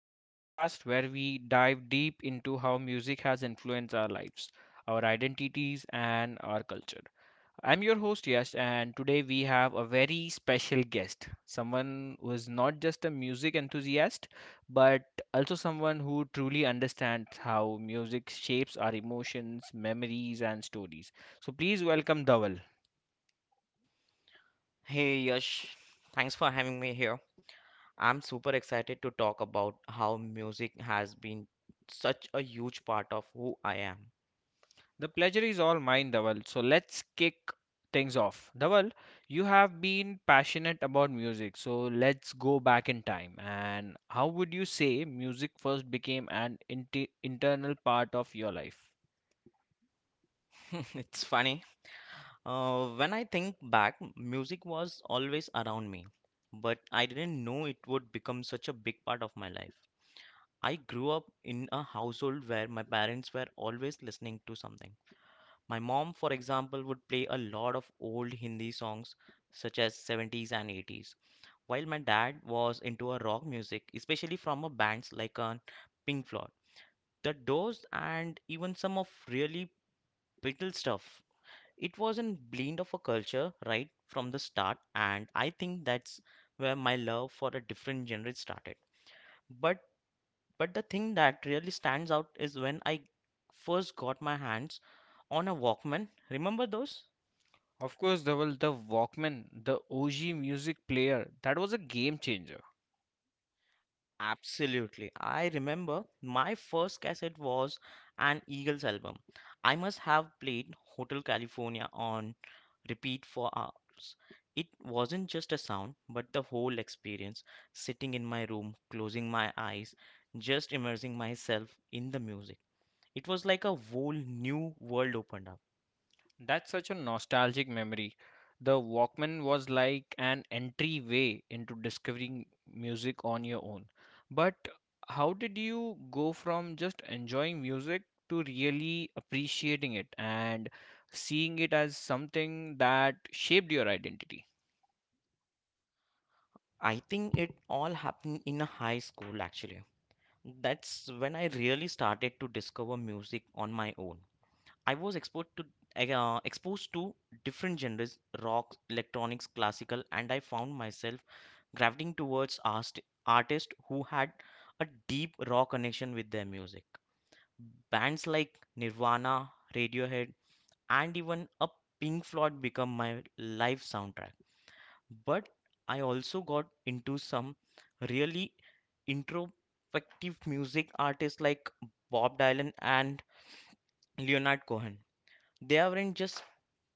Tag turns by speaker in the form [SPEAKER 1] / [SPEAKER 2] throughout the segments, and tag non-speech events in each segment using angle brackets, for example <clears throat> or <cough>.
[SPEAKER 1] the podcast where we dive deep into how music has influenced our lives, our identities, and our culture. I'm your host, Yash, and today we have a very special guest, someone who is not just a music enthusiast, but also someone who truly understands how music shapes our emotions, memories, and stories. So please welcome Dawal.
[SPEAKER 2] Hey Yash, thanks for having me here. I'm super excited to talk about how music has been such a huge part of who I am.
[SPEAKER 1] The pleasure is all mine, Dhaval. So let's kick things off. Dhaval, you have been passionate about music. So let's go back in time. And how would you say music first became an inti internal part of your life?
[SPEAKER 2] <laughs> It's funny. When I think back, music was always around me, but I didn't know it would become such a big part of my life. I grew up in a household where my parents were always listening to something. My mom, for example, would play a lot of old Hindi songs such as '70s and '80s. While my dad was into a rock music, especially from a bands like Pink Floyd, The Doors, and even some of really brittle stuff. It was a blend of a culture right from the start, and I think that's where my love for a different genre started. But but the thing that really stands out is when I first got my hands on a Walkman. Remember those?
[SPEAKER 1] Of course, Dhaval, the Walkman, the OG music player, that was a game changer.
[SPEAKER 2] Absolutely. I remember my first cassette was an Eagles album. I must have played Hotel California on repeat for hours. It wasn't just a sound, but the whole experience, sitting in my room, closing my eyes, just immersing myself in the music. It was like a whole new world opened up.
[SPEAKER 1] That's such a nostalgic memory. The Walkman was like an entryway into discovering music on your own. But how did you go from just enjoying music to really appreciating it and seeing it as something that shaped your identity?
[SPEAKER 2] I think it all happened in a high school actually. That's when I really started to discover music on my own. I was exposed to different genres, rock, electronics, classical, and I found myself gravitating towards artists who had a deep raw connection with their music. Bands like Nirvana, Radiohead, and even a Pink Floyd become my life soundtrack. But I also got into some really introspective music artists like Bob Dylan and Leonard Cohen. They weren't just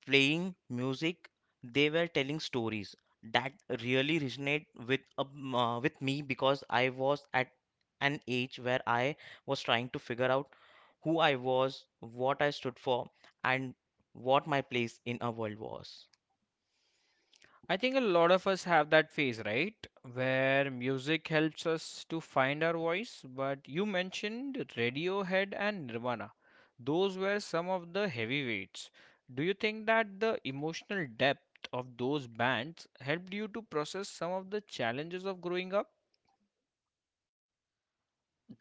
[SPEAKER 2] playing music, they were telling stories that really resonate with me because I was at an age where I was trying to figure out who I was, what I stood for, and what my place in a world was.
[SPEAKER 1] I think a lot of us have that phase, right? Where music helps us to find our voice. But you mentioned Radiohead and Nirvana. Those were some of the heavyweights. Do you think that the emotional depth of those bands helped you to process some of the challenges of growing up?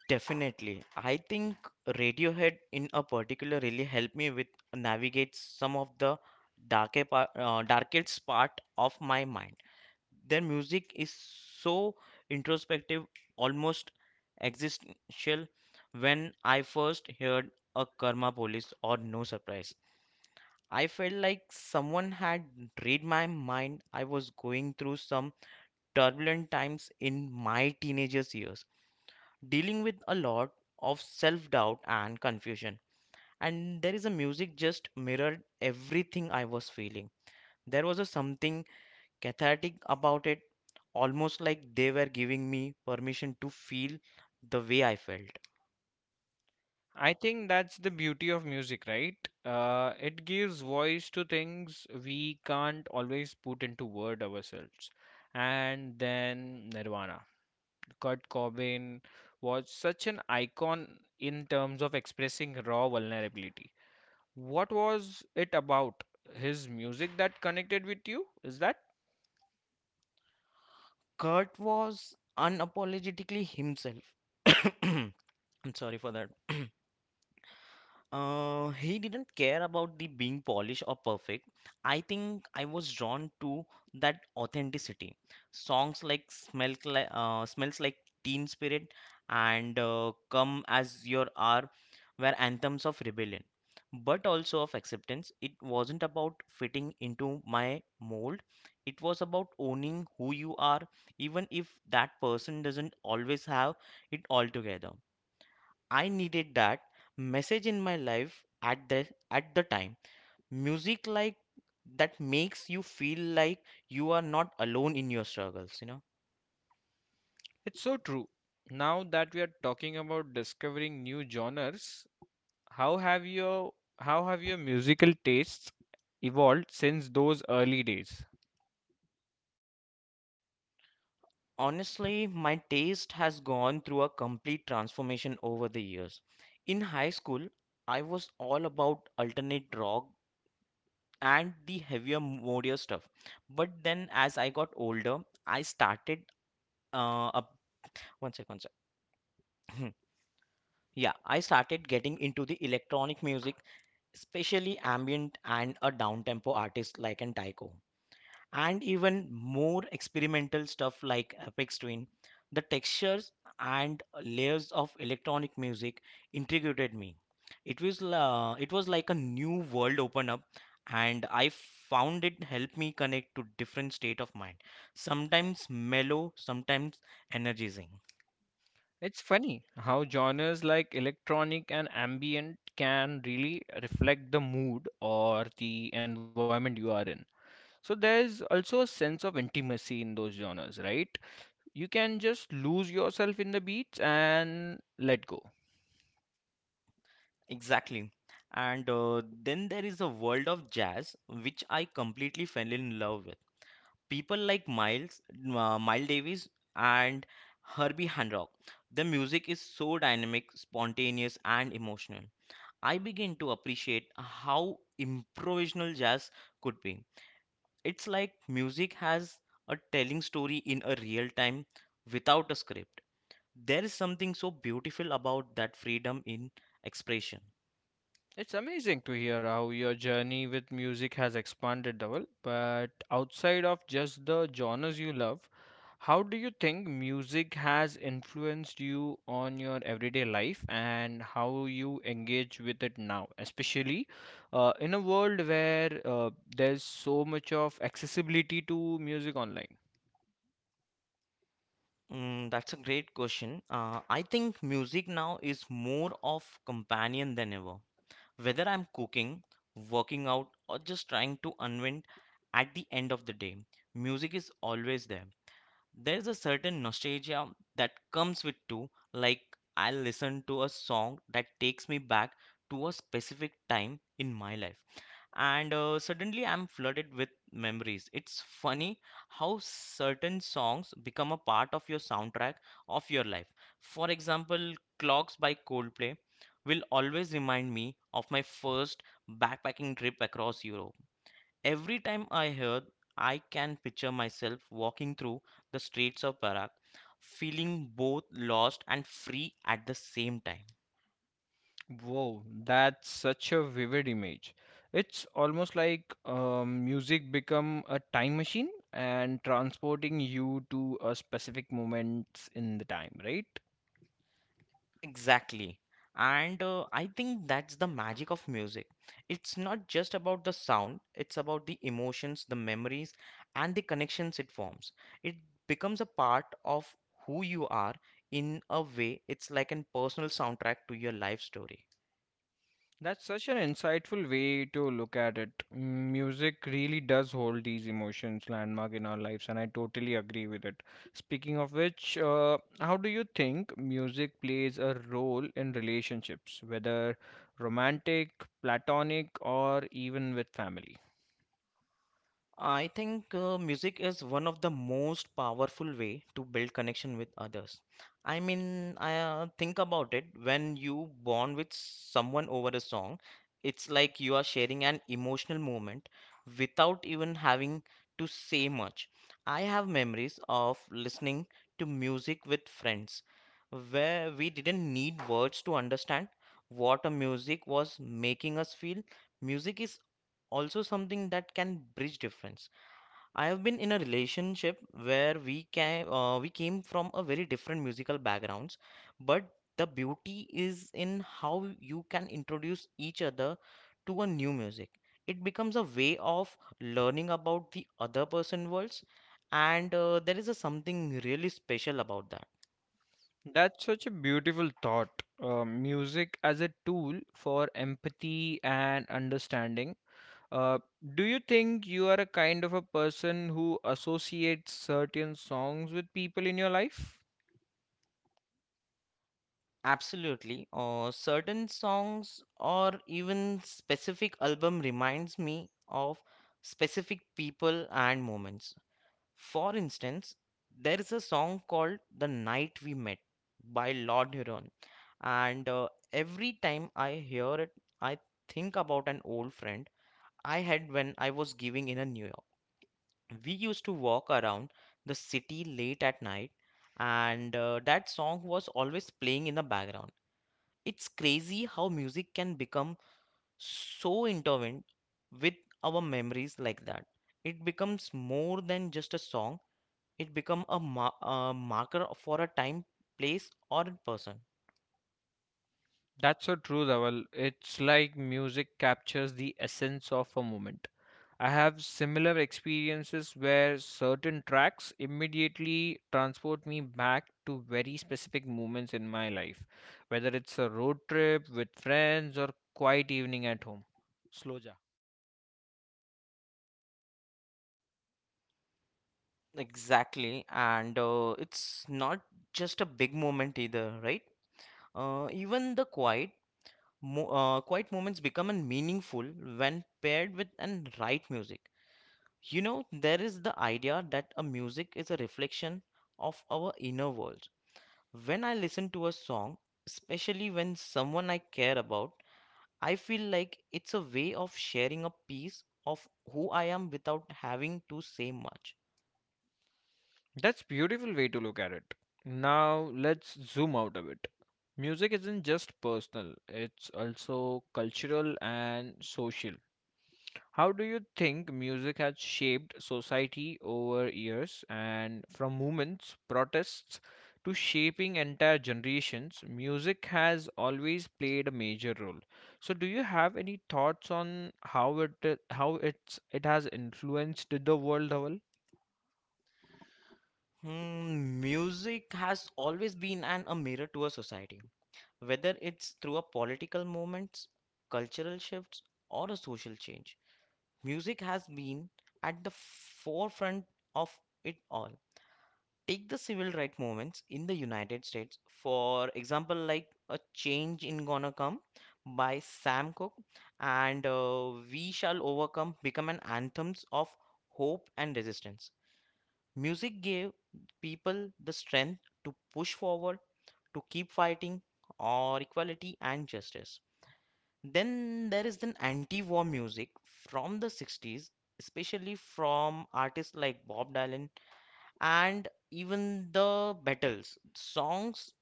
[SPEAKER 2] Definitely, I think Radiohead in a particular really helped me with navigate some of the darkest part of my mind. Their music is so introspective, almost existential. When I first heard a Karma Police or No Surprise, I felt like someone had read my mind. I was going through some turbulent times in my teenagers years, dealing with a lot of self-doubt and confusion. And there is a music just mirrored everything I was feeling. There was a something cathartic about it, almost like they were giving me permission to feel the way I felt.
[SPEAKER 1] I think that's the beauty of music, right? It gives voice to things we can't always put into word ourselves. And then Nirvana. Kurt Cobain was such an icon in terms of expressing raw vulnerability. What was it about his music that connected with you? Is that?
[SPEAKER 2] Kurt was unapologetically himself. <coughs> I'm sorry for that. <coughs> He didn't care about the being polished or perfect. I think I was drawn to that authenticity. Songs like " Smells Like Teen Spirit" and "Come As Your Are" were anthems of rebellion, but also of acceptance. It wasn't about fitting into my mold. It was about owning who you are, even if that person doesn't always have it all together. I needed that message in my life at the time. Music like that makes you feel like you are not alone in your struggles.
[SPEAKER 1] It's so true. Now that we are talking about discovering new genres, how have your how have your musical tastes evolved since those early days?
[SPEAKER 2] Honestly, my taste has gone through a complete transformation over the years. In high school, I was all about alternate rock and the heavier, moodier stuff. But then as I got older, I started up one second, sir. <clears throat> Yeah, I started getting into the electronic music, especially ambient and a down-tempo artist like an Tycho. And even more experimental stuff like Apex Twin. The textures and layers of electronic music intrigued me. It was like a new world open up and I found it helped me connect to different state of mind. Sometimes mellow, sometimes energizing.
[SPEAKER 1] It's funny how genres like electronic and ambient can really reflect the mood or the environment you are in. So there's also a sense of intimacy in those genres, right? You can just lose yourself in the beats and let go.
[SPEAKER 2] Exactly. And then there is a world of jazz which I completely fell in love with. People like Miles Davis, and Herbie Hancock. The music is so dynamic, spontaneous, and emotional. I begin to appreciate how improvisational jazz could be. It's like music has a telling story in a real time without a script. There is something so beautiful about that freedom in expression.
[SPEAKER 1] It's amazing to hear how your journey with music has expanded, Dhaval. But outside of just the genres you love, how do you think music has influenced you on your everyday life and how you engage with it now, especially in a world where there's so much of accessibility to music online?
[SPEAKER 2] That's a great question. I think music now is more of companion than ever. Whether I'm cooking, working out, or just trying to unwind at the end of the day, music is always there. There's a certain nostalgia that comes with too, like I will listen to a song that takes me back to a specific time in my life and suddenly I'm flooded with memories. It's funny how certain songs become a part of your soundtrack of your life. For example, Clocks by Coldplay will always remind me of my first backpacking trip across Europe. Every time I hear, I can picture myself walking through the streets of Prague, feeling both lost and free at the same time.
[SPEAKER 1] Wow, that's such a vivid image. It's almost like music become a time machine and transporting you to a specific moments in the time, right?
[SPEAKER 2] Exactly. And I think that's the magic of music. It's not just about the sound, it's about the emotions, the memories, and the connections it forms. It becomes a part of who you are. In a way, it's like a personal soundtrack to your life story.
[SPEAKER 1] That's such an insightful way to look at it. Mm, music really does hold these emotions landmark in our lives, and I totally agree with it. Speaking of which, how do you think music plays a role in relationships, whether romantic, platonic, or even with family?
[SPEAKER 2] I think music is one of the most powerful way to build connection with others. I mean, I think about it when you bond with someone over a song, it's like you are sharing an emotional moment without even having to say much. I have memories of listening to music with friends where we didn't need words to understand what a music was making us feel. Music is also something that can bridge difference. I have been in a relationship where we came from a very different musical backgrounds, but the beauty is in how you can introduce each other to a new music. It becomes a way of learning about the other person worlds, and there is a something really special about that.
[SPEAKER 1] That's such a beautiful thought. Music as a tool for empathy and understanding. Uh, do you think you are a kind of a person who associates certain songs with people in your life?
[SPEAKER 2] Absolutely. Certain songs or even specific album reminds me of specific people and moments. For instance, there is a song called The Night We Met by Lord Huron, and every time I hear it, I think about an old friend I had when I was giving in a New York. We used to walk around the city late at night, and that song was always playing in the background. It's crazy how music can become so intertwined with our memories like that. It becomes more than just a song. It become a marker for a time, place, or a person.
[SPEAKER 1] That's so true, Dhaval. It's like music captures the essence of a moment. I have similar experiences where certain tracks immediately transport me back to very specific moments in my life, whether it's a road trip with friends or quiet evening at home. Slow.
[SPEAKER 2] Exactly, and it's not just a big moment either, right? Even the quiet moments become an meaningful when paired with an right music. You know, there is the idea that a music is a reflection of our inner world. When I listen to a song, especially when someone I care about, I feel like it's a way of sharing a piece of who I am without having to say much.
[SPEAKER 1] That's beautiful way to look at it. Now let's zoom out a bit. Music isn't just personal, it's also cultural and social. How do you think music has shaped society over years and from movements, protests to shaping entire generations, music has always played a major role. So do you have any thoughts on how it has influenced the world, Dhawal?
[SPEAKER 2] Music has always been a mirror to a society, whether it's through a political movements, cultural shifts, or a social change. Music has been at the forefront of it all. Take the civil right movements in the United States, for example, like A Change in gonna Come by Sam Cooke, and We Shall Overcome become an anthems of hope and resistance. Music gave people the strength to push forward, to keep fighting or equality and justice. Then there is the anti-war music from the '60s, especially from artists like Bob Dylan and even the Battles songs.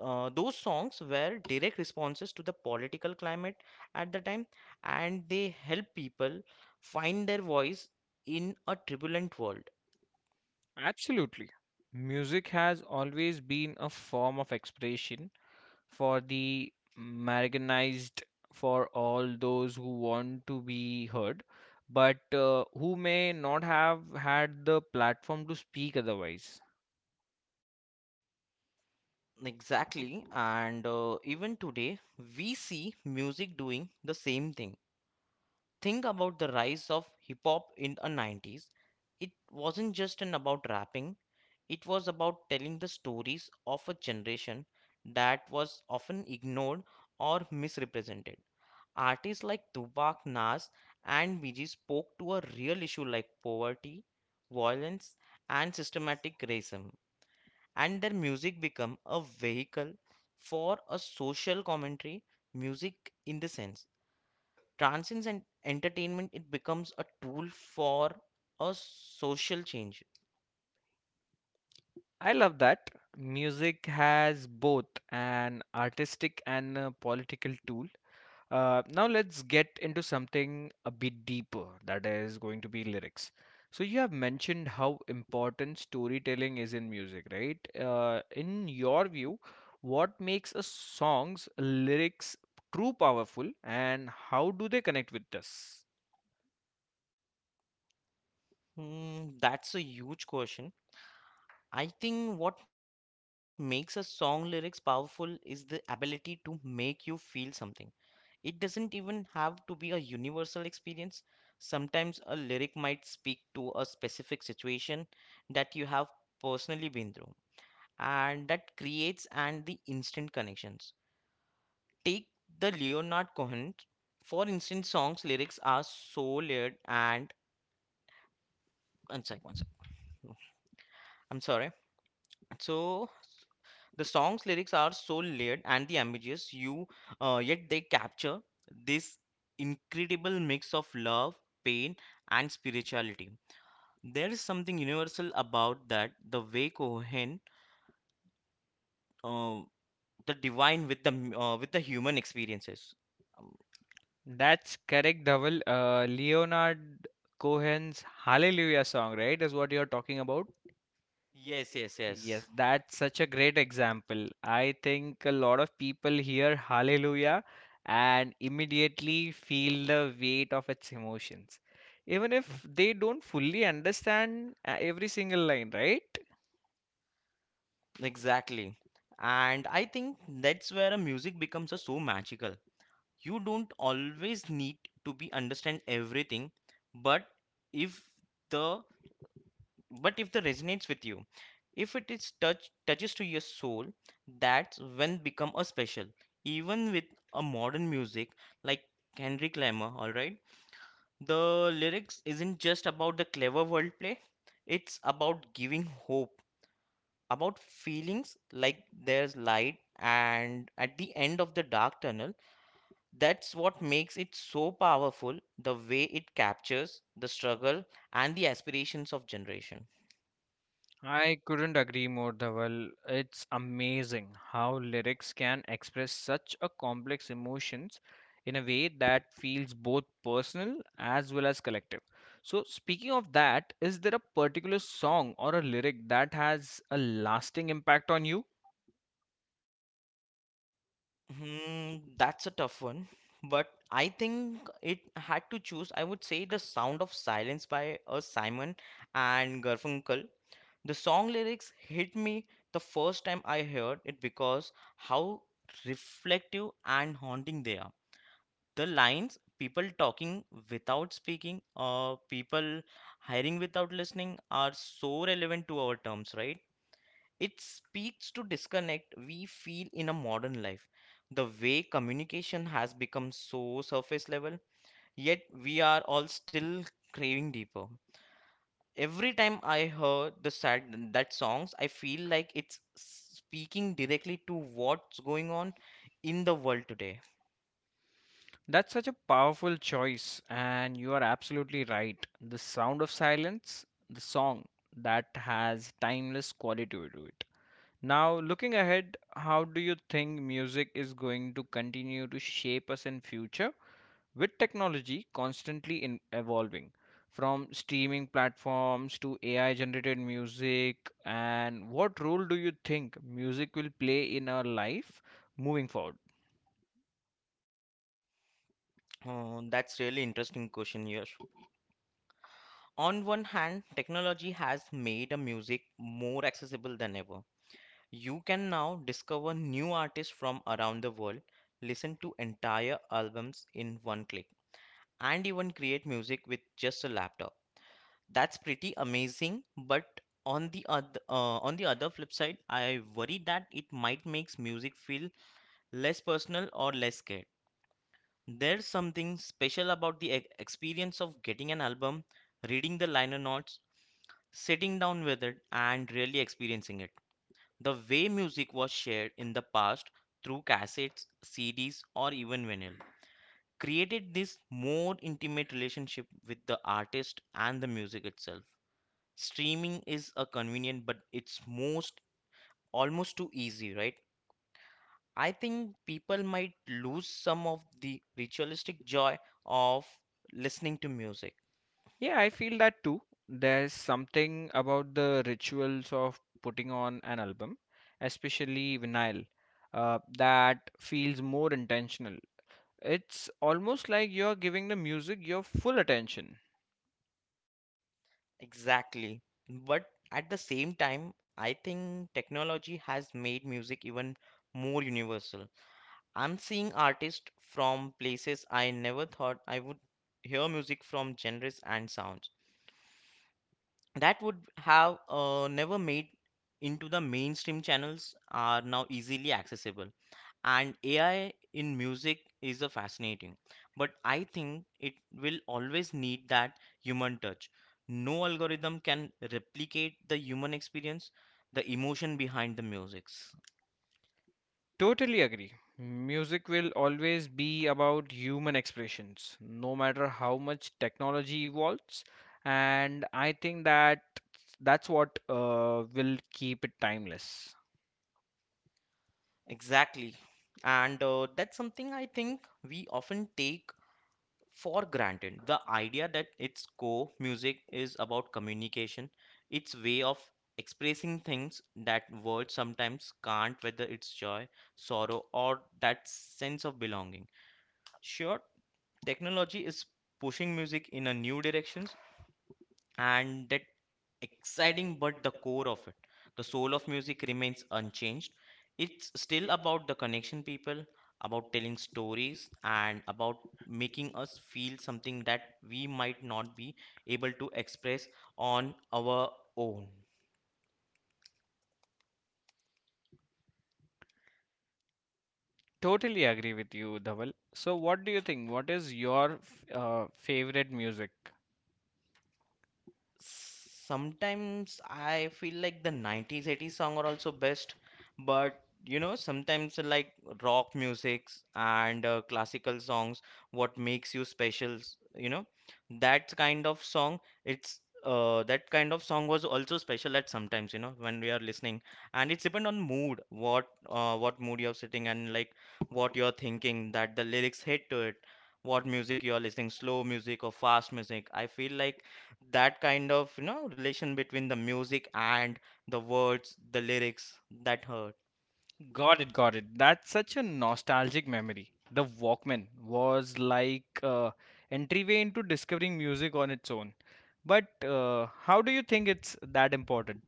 [SPEAKER 2] Those songs were direct responses to the political climate at the time, and they help people find their voice in a turbulent world.
[SPEAKER 1] Absolutely. Music has always been a form of expression for the marginalized, for all those who want to be heard, but who may not have had the platform to speak otherwise.
[SPEAKER 2] Exactly, and even today we see music doing the same thing. Think about the rise of hip hop in the '90s. It wasn't just an about rapping. It was about telling the stories of a generation that was often ignored or misrepresented. Artists like Tupac, Nas, and Biggie spoke to a real issue like poverty, violence, and systematic racism, and their music became a vehicle for a social commentary. Music, in the sense, transcends and entertainment. It becomes a tool for a social change.
[SPEAKER 1] I love that. Music has both an artistic and a political tool. Now let's get into something a bit deeper, that is going to be lyrics. So you have mentioned how important storytelling is in music, right? In your view, what makes a song's lyrics true powerful and how do they connect with us?
[SPEAKER 2] That's a huge question. I think what makes a song lyrics powerful is the ability to make you feel something. It doesn't even have to be a universal experience. Sometimes a lyric might speak to a specific situation that you have personally been through, and that creates and the instant connections. Take the Leonard Cohen, for instance, songs lyrics are so layered and one sec. <laughs> I'm sorry. So the song's lyrics are so layered and the ambiguous you yet they capture this incredible mix of love, pain, and spirituality. There is something universal about that, the way Cohen uh, the divine with the with the human experiences. Um,
[SPEAKER 1] That's correct, Dhaval. Leonard Cohen's Hallelujah song, right, is what you're talking about. Yes,
[SPEAKER 2] yes
[SPEAKER 1] yes,
[SPEAKER 2] yes
[SPEAKER 1] yes.
[SPEAKER 2] yes
[SPEAKER 1] Yes, that's such a great example. I think a lot of people hear hallelujah and immediately feel the weight of its emotions, even if they don't fully understand every single line, right?
[SPEAKER 2] Exactly. And I think that's where a music becomes a so magical. You don't always need to be understand everything, but if the but if the resonates with you, if it is touches to your soul, that's when become a special. Even with a modern music like Kendrick Lamar, all right, the lyrics isn't just about the clever wordplay, it's about giving hope, about feelings like there's light and at the end of the dark tunnel. That's what makes it so powerful, the way it captures the struggle and the aspirations of generation.
[SPEAKER 1] I couldn't agree more, Dhaval. It's amazing how lyrics can express such a complex emotions in a way that feels both personal as well as collective. So, speaking of that, is there a particular song or a lyric that has a lasting impact on you?
[SPEAKER 2] Hmm, that's a tough one. But I think it had to choose, I would say The Sound of Silence by Simon and Garfunkel. The song lyrics hit me the first time I heard it because how reflective and haunting they are. The lines people talking without speaking, people hiring without listening are so relevant to our terms, right? It speaks to disconnect we feel in a modern life, the way communication has become so surface level, yet we are all still craving deeper. Every time I hear the sad that songs, I feel like it's speaking directly to what's going on in the world today.
[SPEAKER 1] That's such a powerful choice, and you are absolutely right. The sound of silence, the song that has timeless quality to it. Now, looking ahead, how do you think music is going to continue to shape us in future with technology constantly in evolving from streaming platforms to AI generated music and what role do you think music will play in our life moving forward?
[SPEAKER 2] Oh, that's really interesting question, Yash. On one hand, technology has made a music more accessible than ever. You can now discover new artists from around the world, listen to entire albums in one click, and even create music with just a laptop. That's pretty amazing, but on the other flip side, I worry that it might makes music feel less personal or less scared. There's something special about the experience of getting an album, reading the liner notes, sitting down with it, and really experiencing it. The way music was shared in the past through cassettes, CDs, or even vinyl created this more intimate relationship with the artist and the music itself. Streaming is a convenient, but it's most almost too easy, right? I think people might lose some of the ritualistic joy of listening to music.
[SPEAKER 1] Yeah, I feel that too. There's something about the rituals of putting on an album, especially vinyl, that feels more intentional. It's almost like you're giving the music your full attention.
[SPEAKER 2] Exactly. But at the same time, I think technology has made music even more universal. I'm seeing artists from places I never thought I would hear music from. Genres and sounds that would have never made into the mainstream channels are now easily accessible. And AI in music is a fascinating, but I think it will always need that human touch. No algorithm can replicate the human experience, the emotion behind the musics.
[SPEAKER 1] Totally agree. Music will always be about human expressions, no matter how much technology evolves. And I think that's what will keep it timeless.
[SPEAKER 2] Exactly. And that's something I think we often take for granted, the idea that its core music is about communication, its way of expressing things that words sometimes can't, whether it's joy, sorrow, or that sense of belonging. Sure, technology is pushing music in a new directions, and that exciting, but the core of it, the soul of music remains unchanged. It's still about the connection people, about telling stories, and about making us feel something that we might not be able to express on our own.
[SPEAKER 1] Totally agree with you, Dhaval. So, what do you think? What is your favorite music?
[SPEAKER 2] Sometimes I feel like the 90s, 80s song are also best, but you know, sometimes like rock musics and classical songs, what makes you special, you know, that kind of song. It's that kind of song was also special at sometimes, you know, when we are listening, and it's depend on mood. What what mood you're sitting and like what you're thinking, that the lyrics hit to it, what music you're listening, slow music or fast music. I feel like that kind of, you know, relation between the music and the words, the lyrics, that hurt.
[SPEAKER 1] Got it, got it. That's such a nostalgic memory. The Walkman was like entryway into discovering music on its own. But how do you think it's that important?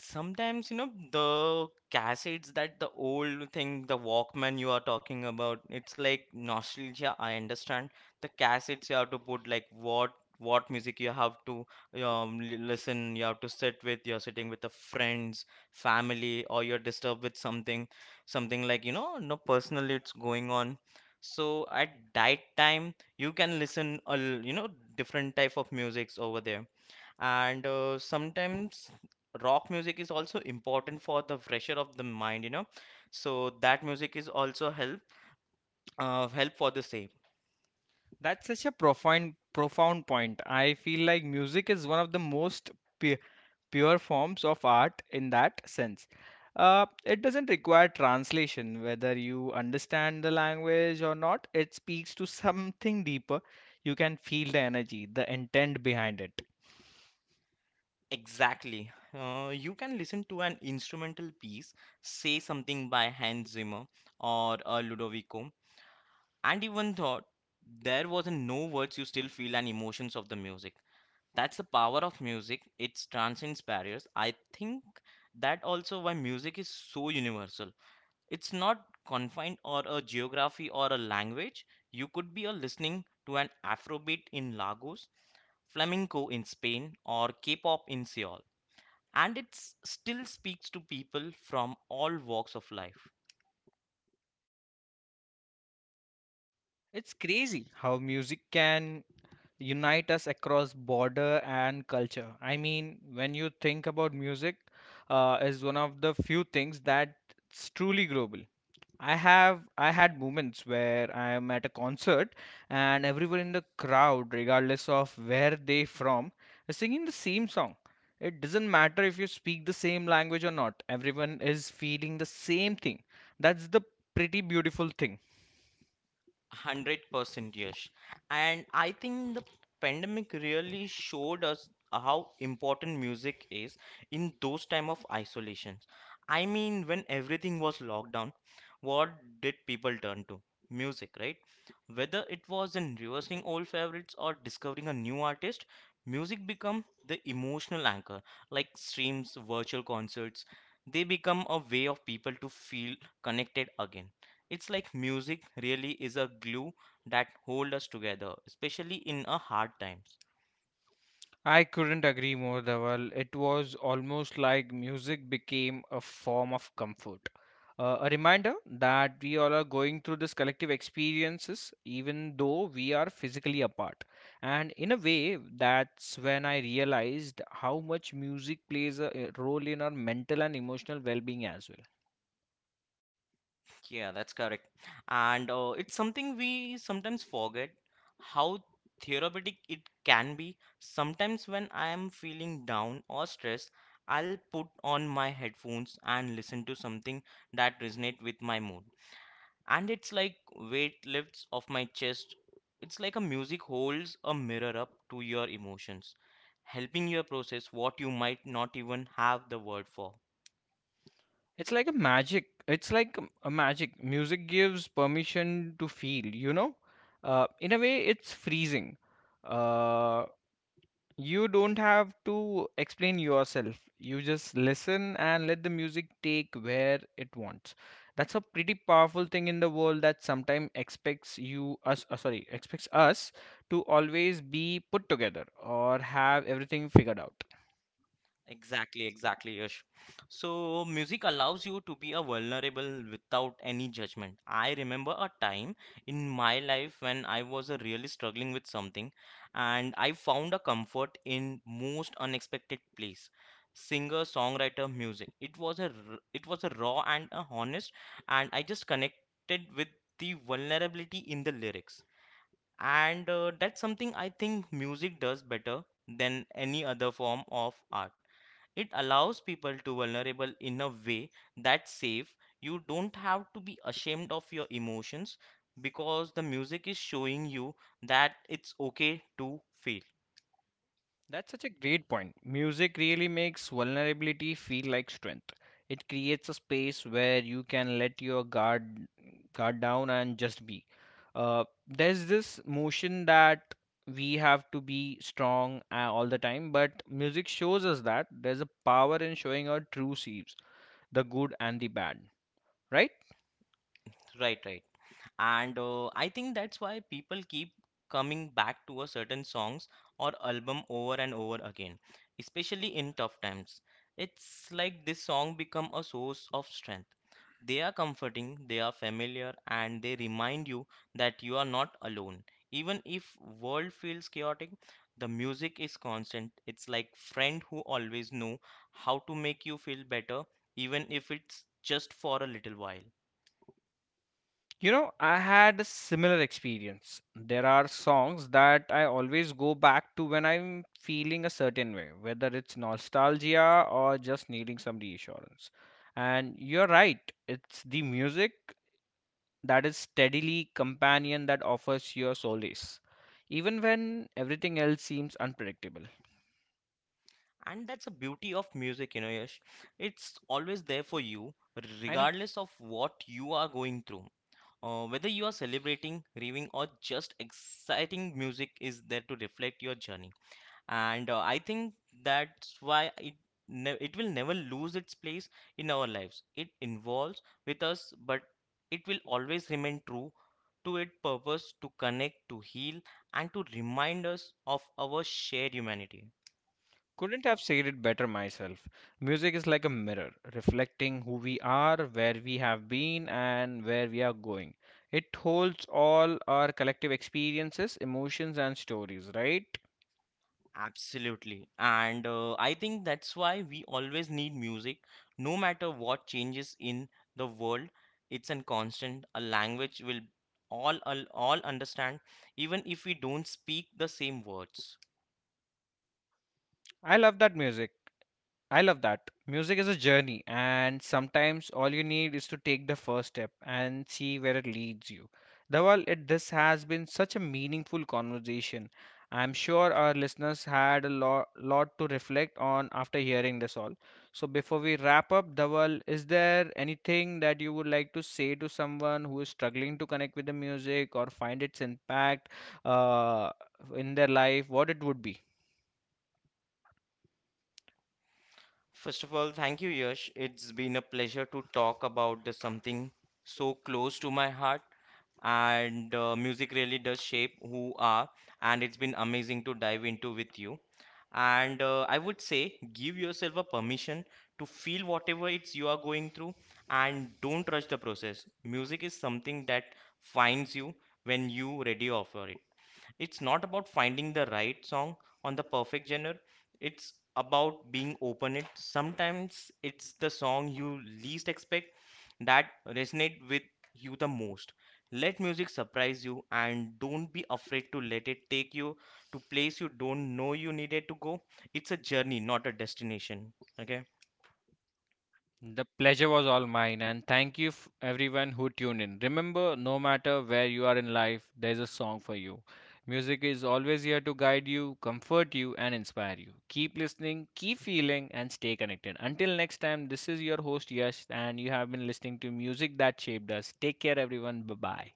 [SPEAKER 2] Sometimes, you know, the cassettes, that the old thing, the Walkman you are talking about, it's like nostalgia, I understand. The cassettes you have to put, like, what music you have to listen, you have to sit with, you're sitting with the friends, family, or you're disturbed with something, something like, you know, no personally it's going on. So at that time, you can listen you know, different type of musics over there. And sometimes rock music is also important for the fresher of the mind, you know, so that music is also help, help for the same.
[SPEAKER 1] That's such a profound point. I feel like music is one of the most pu- pure forms of art in that sense. It doesn't require translation, whether you understand the language or not. It speaks to something deeper. You can feel the energy, the intent behind it.
[SPEAKER 2] Exactly. You can listen to an instrumental piece, say something by Hans Zimmer or Ludovico, and even thought there was in no words, you still feel an emotions of the music. That's the power of music, it transcends barriers. I think that also why music is so universal. It's not confined or a geography or a language. You could be a listening to an Afrobeat in Lagos, flamenco in Spain, or K-pop in Seoul, and it still speaks to people from all walks of life.
[SPEAKER 1] It's crazy how music can unite us across border and culture. I mean, when you think about music, is one of the few things that's truly global. I had moments where I am at a concert and everyone in the crowd, regardless of where they from, is singing the same song. It doesn't matter if you speak the same language or not. Everyone is feeling the same thing. That's the pretty beautiful thing.
[SPEAKER 2] 100% Yash. And I think the pandemic really showed us how important music is in those time of isolations. I mean, when everything was locked down, what did people turn to? Music, right? Whether it was in reversing old favorites or discovering a new artist, music become the emotional anchor, like streams, virtual concerts. They become a way of people to feel connected again. It's like music really is a glue that hold us together, especially in a hard times.
[SPEAKER 1] I couldn't agree more, Dhaval. It was almost like music became a form of comfort. A reminder that we all are going through this collective experiences, even though we are physically apart. And in a way, that's when I realized how much music plays a role in our mental and emotional well being as well.
[SPEAKER 2] Yeah, that's correct. And it's something we sometimes forget how therapeutic it can be. Sometimes when I am feeling down or stressed, I'll put on my headphones and listen to something that resonate with my mood. And it's like weight lifts off my chest. It's like a music holds a mirror up to your emotions, helping you process what you might not even have the word for.
[SPEAKER 1] It's like a magic. It's like a magic. Music gives permission to feel, you know? In a way, it's freezing. Uh, you don't have to explain yourself, you just listen and let the music take where it wants. That's a pretty powerful thing in the world that sometimes expects us to always be put together or have everything figured out.
[SPEAKER 2] Exactly, exactly, Yash. So, music allows you to be a vulnerable without any judgment. I remember a time in my life when I was really struggling with something, and I found a comfort in most unexpected place. Singer, songwriter, music. It was it was a raw and a honest, and I just connected with the vulnerability in the lyrics. And that's something I think music does better than any other form of art. It allows people to vulnerable in a way that's safe. You don't have to be ashamed of your emotions because the music is showing you that it's okay to fail.
[SPEAKER 1] That's such a great point. Music really makes vulnerability feel like strength. It creates a space where you can let your guard down and just be. There's this motion that we have to be strong all the time, but music shows us that there's a power in showing our true selves, the good and the bad, right?
[SPEAKER 2] Right, right. And I think that's why people keep coming back to a certain songs or album over and over again, especially in tough times. It's like this song become a source of strength. They are comforting, they are familiar, and they remind you that you are not alone. Even if world feels chaotic, the music is constant. It's like friend who always know how to make you feel better, even if it's just for a little while.
[SPEAKER 1] You know, I had a similar experience. There are songs that I always go back to when I'm feeling a certain way, whether it's nostalgia or just needing some reassurance. And you're right, it's the music that is steadily companion that offers your solace, even when everything else seems unpredictable.
[SPEAKER 2] And that's the beauty of music, you know, Yash, it's always there for you
[SPEAKER 1] I know.
[SPEAKER 2] regardless of what you are going through. Whether you are celebrating, grieving, or just exciting, music is there to reflect your journey. And I think that's why it it will never lose its place in our lives. It involves with us, but it will always remain true to its purpose, to connect, to heal, and to remind us of our shared humanity.
[SPEAKER 1] Couldn't have said it better myself. Music is like a mirror, reflecting who we are, where we have been, and where we are going. It holds all our collective experiences, emotions, and stories, right?
[SPEAKER 2] Absolutely. And I think that's why we always need music. No matter what changes in the world, it's a constant, a language will all understand, even if we don't speak the same words.
[SPEAKER 1] I love that music. I love that. Music is a journey, and sometimes all you need is to take the first step and see where it leads you. Dawal, this has been such a meaningful conversation. I'm sure our listeners had lot to reflect on after hearing this all. So, before we wrap up, Dawal, is there anything that you would like to say to someone who is struggling to connect with the music or find its impact uh, in their life? What it would be?
[SPEAKER 2] First of all, thank you, Yash. It's been a pleasure to talk about the something so close to my heart, and music really does shape who are, and it's been amazing to dive into with you. And I would say, give yourself a permission to feel whatever it's you are going through, and don't rush the process. Music is something that finds you when you ready for it. It's not about finding the right song on the perfect genre. It's about being open it. Sometimes it's the song you least expect that resonate with you the most. Let music surprise you and don't be afraid to let it take you to place you don't know you needed to go. It's a journey, not a destination. Okay?
[SPEAKER 1] The pleasure was all mine, and thank you everyone who tuned in. Remember, no matter where you are in life, there is a song for you. Music is always here to guide you, comfort you, and inspire you. Keep listening, keep feeling, and stay connected. Until next time, this is your host Yash, and you have been listening to music that shaped us. Take care, everyone. Bye bye.